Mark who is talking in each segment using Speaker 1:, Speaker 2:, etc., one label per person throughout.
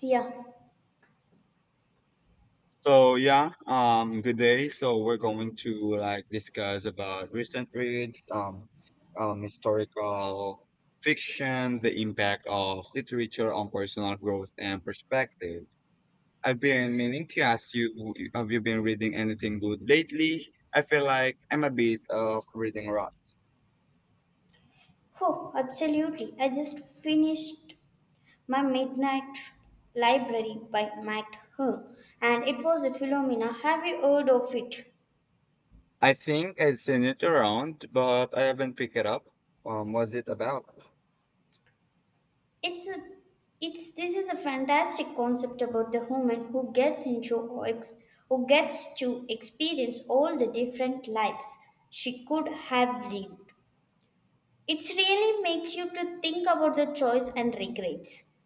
Speaker 1: Yeah.
Speaker 2: So yeah, good day. We're going to discuss about recent reads, historical fiction, the impact of literature on personal growth and perspective. I've been meaning to ask you, have you been reading anything good lately? I feel like I'm a bit of reading rot.
Speaker 1: Oh, absolutely. I just finished my Midnight Library by Matt Hearn, and it was a phenomena. Have you heard of it?
Speaker 2: I think I've seen it around, but I haven't picked it up. What's it about?
Speaker 1: It's a, it's this is a fantastic concept about the human who gets into who gets to experience all the different lives she could have lived. It's really makes you to think about the choice and regrets.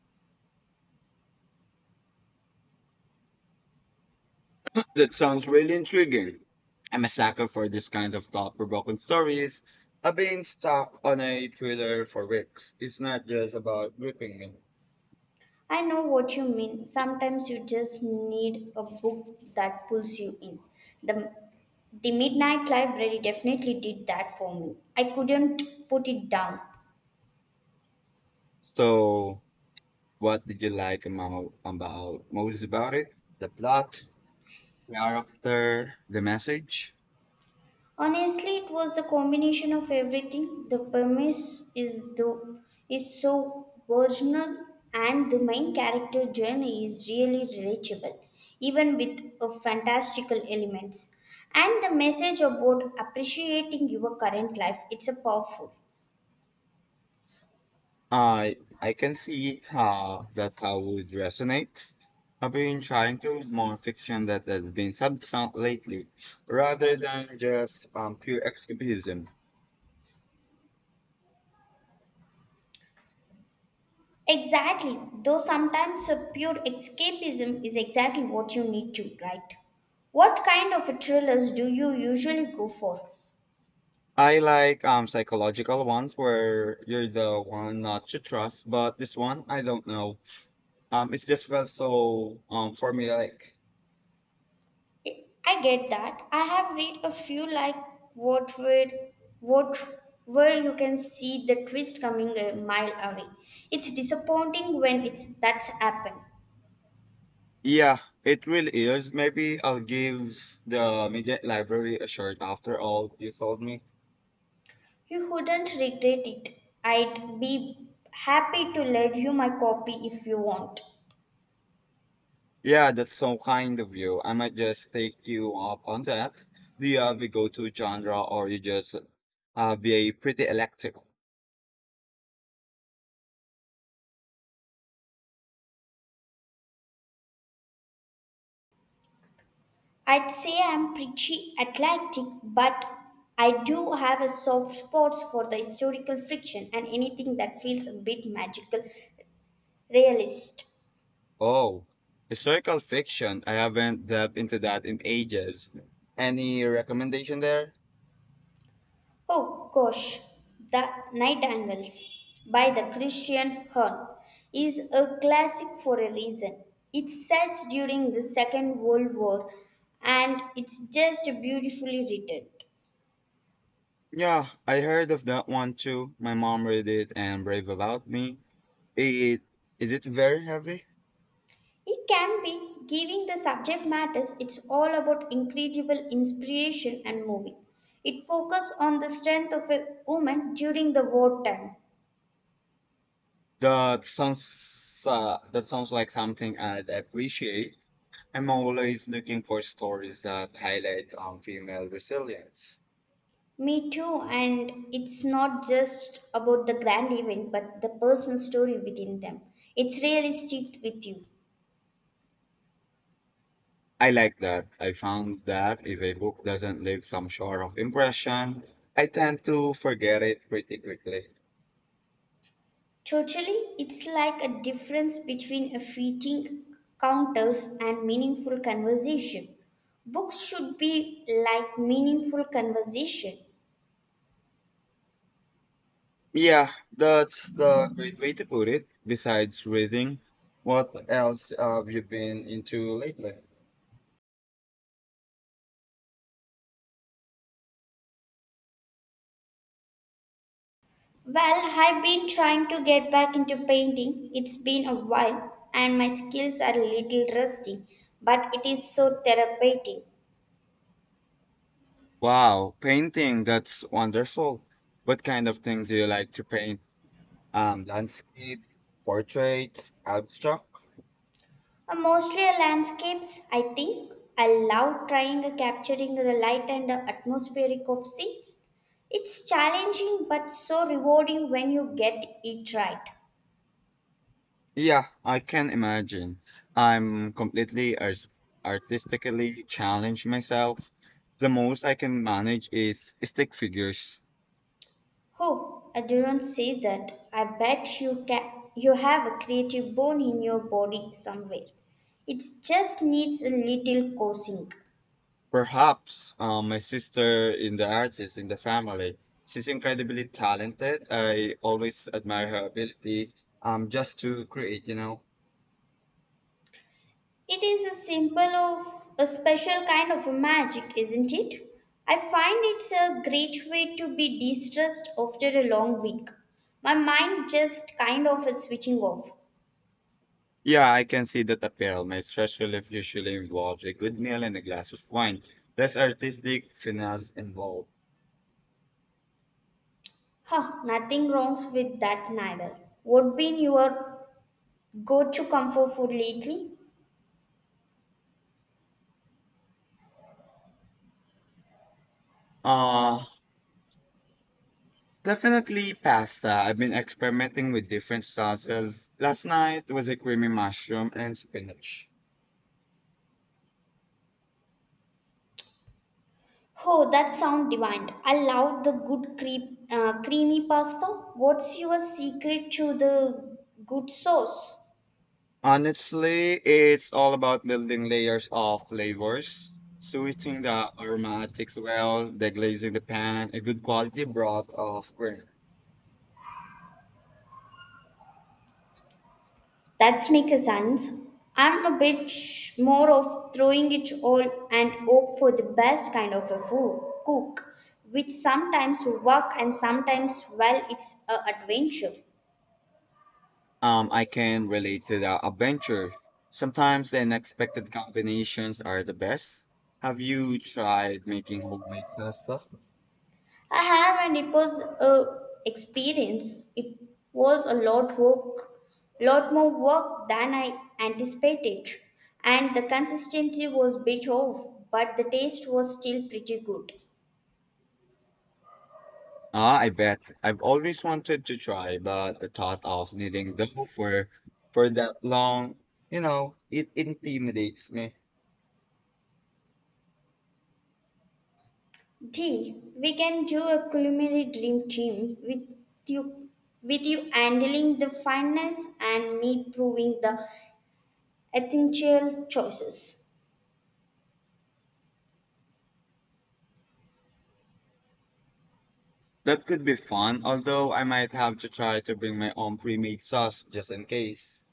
Speaker 2: That sounds really intriguing. I'm a sucker for these kinds of thought-provoking stories. I've been stuck on a thriller for weeks. It's not just about gripping me.
Speaker 1: I know what you mean. Sometimes you just need a book that pulls you in. The, the Midnight Library definitely did that for me. I couldn't put it down.
Speaker 2: So, what did you like about most about it? The plot, character, the message.
Speaker 1: Honestly, it was the combination of everything. The premise is so original and the main character journey is really relatable, even with a fantastical elements. And the message about appreciating your current life, it's a powerful.
Speaker 2: I I can see how that how would resonate. I've been trying to read more fiction that has been substance lately, rather than just pure escapism.
Speaker 1: Exactly, though sometimes a pure escapism is exactly what you need to, right? What kind of thrillers do you usually go for?
Speaker 2: I like psychological ones where you're the one not to trust, but this one I don't know. It's just felt so for me like
Speaker 1: I get that. I have read a few like what would what where you can see the twist coming a mile away. It's disappointing when it's that's happened.
Speaker 2: Yeah, it really is. Maybe I'll give the media library a shot after all you told me.
Speaker 1: You wouldn't regret it. I'd be happy to lend you my copy if you want.
Speaker 2: Yeah, that's so kind of you. I might just take you up on that. Do you have a go-to genre or you just be a pretty eclectic?
Speaker 1: I'd say I'm pretty eclectic, but I do have a soft spot for the historical fiction and anything that feels a bit magical, realist.
Speaker 2: Oh, historical fiction. I haven't delved into that in ages. Any recommendation there?
Speaker 1: Oh gosh, The Night Angles by the Christian Hearn is a classic for a reason. It sets during the Second World War and it's just beautifully written.
Speaker 2: Yeah, I heard of that one too. My mom read it and raved about me. It is it very heavy?
Speaker 1: It can be, giving the subject matters, it's all about incredible inspiration and moving. It focuses on the strength of a woman during the wartime.
Speaker 2: That sounds like something I'd appreciate. I'm always looking for stories that highlight female resilience.
Speaker 1: Me too, and it's not just about the grand event but the personal story within them. It's really sticked with you.
Speaker 2: I like that. I found that if a book doesn't leave some sort of impression, I tend to forget it pretty quickly.
Speaker 1: Totally, it's like a difference between a fleeting counters and meaningful conversation. Books should be like meaningful conversation.
Speaker 2: Yeah, that's the great way to put it. Besides reading, what else have you been into lately?
Speaker 1: Well, I've been trying to get back into painting. It's been a while and my skills are a little rusty, but it is so therapeutic.
Speaker 2: Wow, painting, that's wonderful. What kind of things do you like to paint? Landscape, portraits, abstract?
Speaker 1: Mostly landscapes, I think. I love trying capturing the light and the atmospheric of scenes. It's challenging but so rewarding when you get it right.
Speaker 2: Yeah, I can imagine. I'm completely artistically challenged myself. The most I can manage is stick figures.
Speaker 1: Oh, I didn't say that. I bet you ca You have a creative bone in your body somewhere. It just needs a little coaxing.
Speaker 2: Perhaps my sister in the artist in the family. She's incredibly talented. I always admire her ability just to create, you know.
Speaker 1: It is a symbol of a special kind of a magic, isn't it? I find it's a great way to be distressed after a long week. My mind just kind of is switching off.
Speaker 2: Yeah, I can see that appeal. My stress relief usually involves a good meal and a glass of wine. Less artistic finesse involved.
Speaker 1: Huh, nothing wrongs with that neither. What been your go-to comfort food lately?
Speaker 2: Uh, Definitely pasta. I've been experimenting with different sauces. Last night was a creamy mushroom and spinach.
Speaker 1: Oh, that sound divine. I love the good creamy pasta. What's your secret to the good sauce?
Speaker 2: Honestly, it's all about building layers of flavors, sweetening the aromatics well, the glazing the pan, a good quality broth of cream.
Speaker 1: That's makes sense. I'm a bit sh- more of throwing it all and hope for the best kind of a food cook, which sometimes work and sometimes well, it's a adventure.
Speaker 2: I can relate to the adventure. Sometimes the unexpected combinations are the best. Have you tried making homemade pasta?
Speaker 1: I have, and it was a experience. It was a lot work, lot more work than I anticipated, and the consistency was bit off, but the taste was still pretty good.
Speaker 2: Ah, I bet. I've always wanted to try, but the thought of needing dough for that long, you know, it intimidates me.
Speaker 1: We can do a culinary dream team with you, with you handling the finance and me proving the essential choices.
Speaker 2: That could be fun, although I might have to try to bring my own pre-made sauce just in case.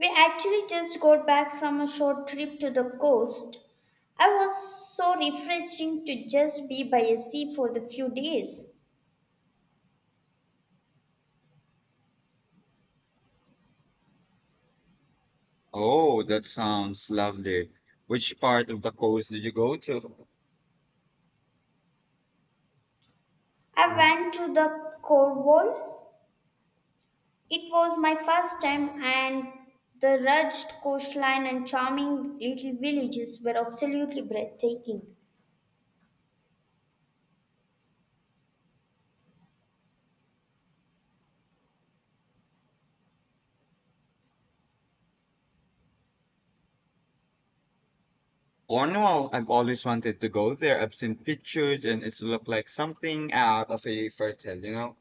Speaker 1: We actually just got back from a short trip to the coast. I was so refreshing to just be by a sea for the few days.
Speaker 2: Oh, that sounds lovely. Which part of the coast did you go to?
Speaker 1: I went to the Cornwall. It was my first time and the rugged coastline and charming little villages were absolutely breathtaking.
Speaker 2: Cornwall. I've always wanted to go there. I've seen pictures and it's looked like something out of a fairy tale, you know?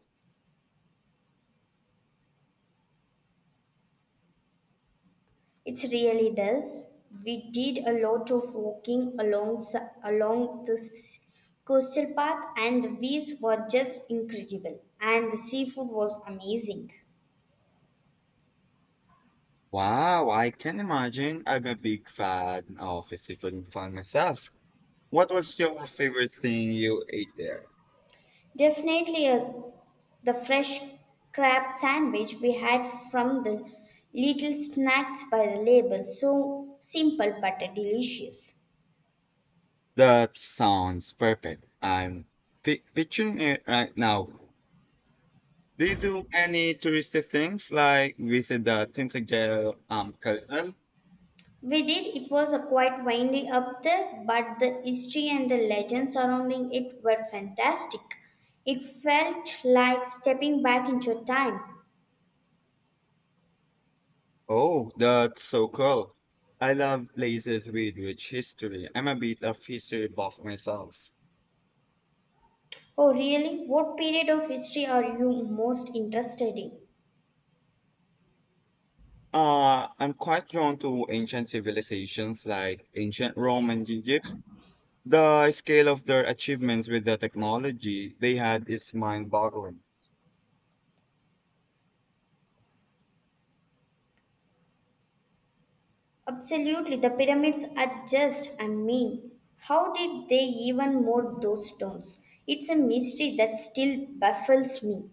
Speaker 1: It really does. We did a lot of walking along this coastal path, and the views were just incredible, and the seafood was amazing.
Speaker 2: Wow, I can imagine. I'm a big fan of seafood plant myself. What was your favorite thing you ate there?
Speaker 1: Definitely, the fresh crab sandwich we had from the little snacks by the label so simple but delicious.
Speaker 2: That sounds perfect. I'm pi picturing it right now. Do you do any touristy things like visit the Tintagel Canal?
Speaker 1: We did. It was a quite winding up there, but the history and the legends surrounding it were fantastic. It felt like stepping back into time.
Speaker 2: Oh, that's so cool. I love places with rich history. I'm a bit of history buff myself.
Speaker 1: Oh, really? What period of history are you most interested in?
Speaker 2: I'm quite drawn to ancient civilizations like ancient Rome and Egypt. The scale of their achievements with the technology they had is mind-boggling.
Speaker 1: Absolutely, the pyramids are just, I mean, how did they even mold those stones? It's a mystery that still baffles me.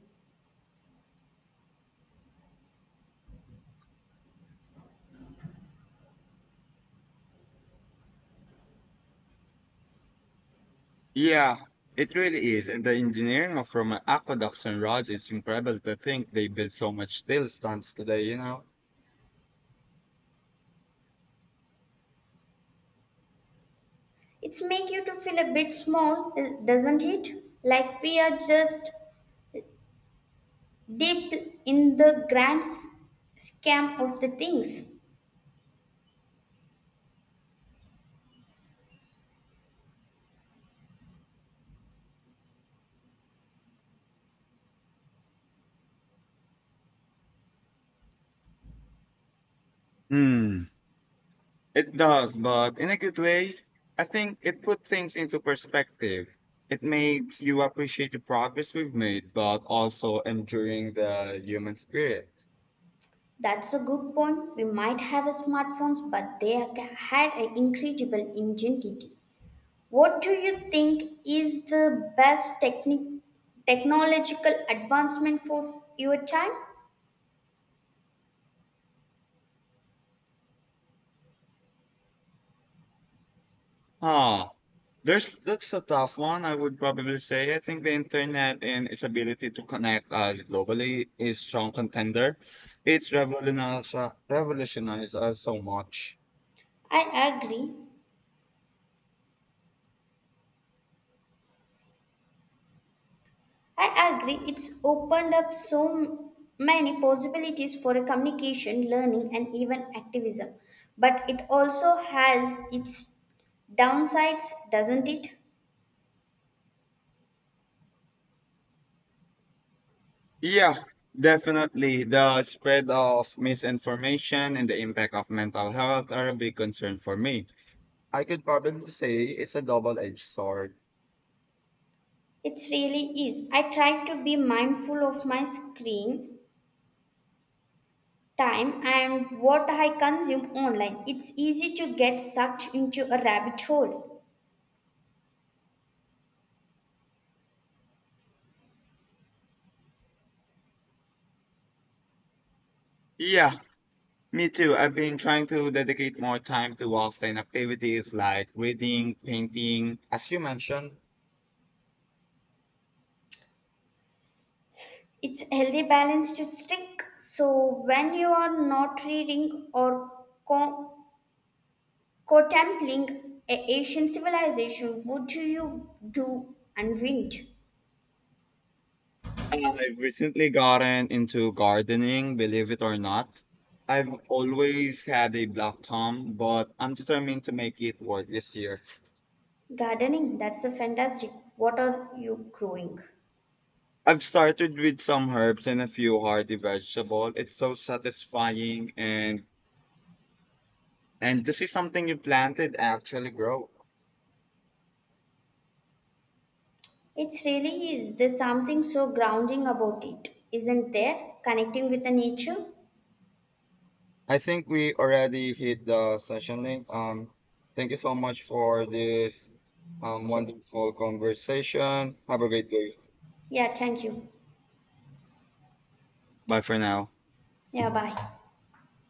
Speaker 2: Yeah, it really is. And the engineering of Roman aqueducts and roads is incredible to think they built so much still stands today, you know?
Speaker 1: It's make you to feel a bit small, eh, doesn't it? Like we are just deep in the grand scam of the things.
Speaker 2: Hmm. It does, but in a good way. I think it put things into perspective. It makes you appreciate the progress we've made, but also enduring the human spirit.
Speaker 1: That's a good point. We might have smartphones, but had an incredible ingenuity. What do you think is the best technological advancement for your time?
Speaker 2: Huh. There's That's a tough one, I would probably say. I think the internet and its ability to connect us globally is strong contender. It's revolutionized us so much.
Speaker 1: I agree. I agree, it's opened up many possibilities for a communication, learning, and even activism. But it also has its downsides, doesn't it?
Speaker 2: Yeah, definitely. The spread of misinformation and the impact of mental health are a big concern for me. I could probably say it's a double-edged sword.
Speaker 1: It really is. I try to be mindful of my screen time and what I consume online. It's easy to get sucked into a rabbit hole.
Speaker 2: Yeah, me too. I've been trying to dedicate more time to offline activities like reading, painting, as you mentioned.
Speaker 1: It's a healthy balance to stick. So when you are not reading or co- Contempling a Asian civilization, what do you do and wind?
Speaker 2: I've recently gotten into gardening, believe it or not. I've always had a black thumb, but I'm determined to make it work this year.
Speaker 1: Gardening, that's a fantastic. What are you growing?
Speaker 2: I've started with some herbs and a few hardy vegetables. It's so satisfying and to see something you planted actually grow.
Speaker 1: It really is. There's something so grounding about it, isn't there? Connecting with the nature.
Speaker 2: I think we already hit the session link. Thank you so much for this
Speaker 1: So,
Speaker 2: wonderful conversation. Have a great day.
Speaker 1: yeah, thank you.
Speaker 2: Bye for now.
Speaker 1: Yeah, bye.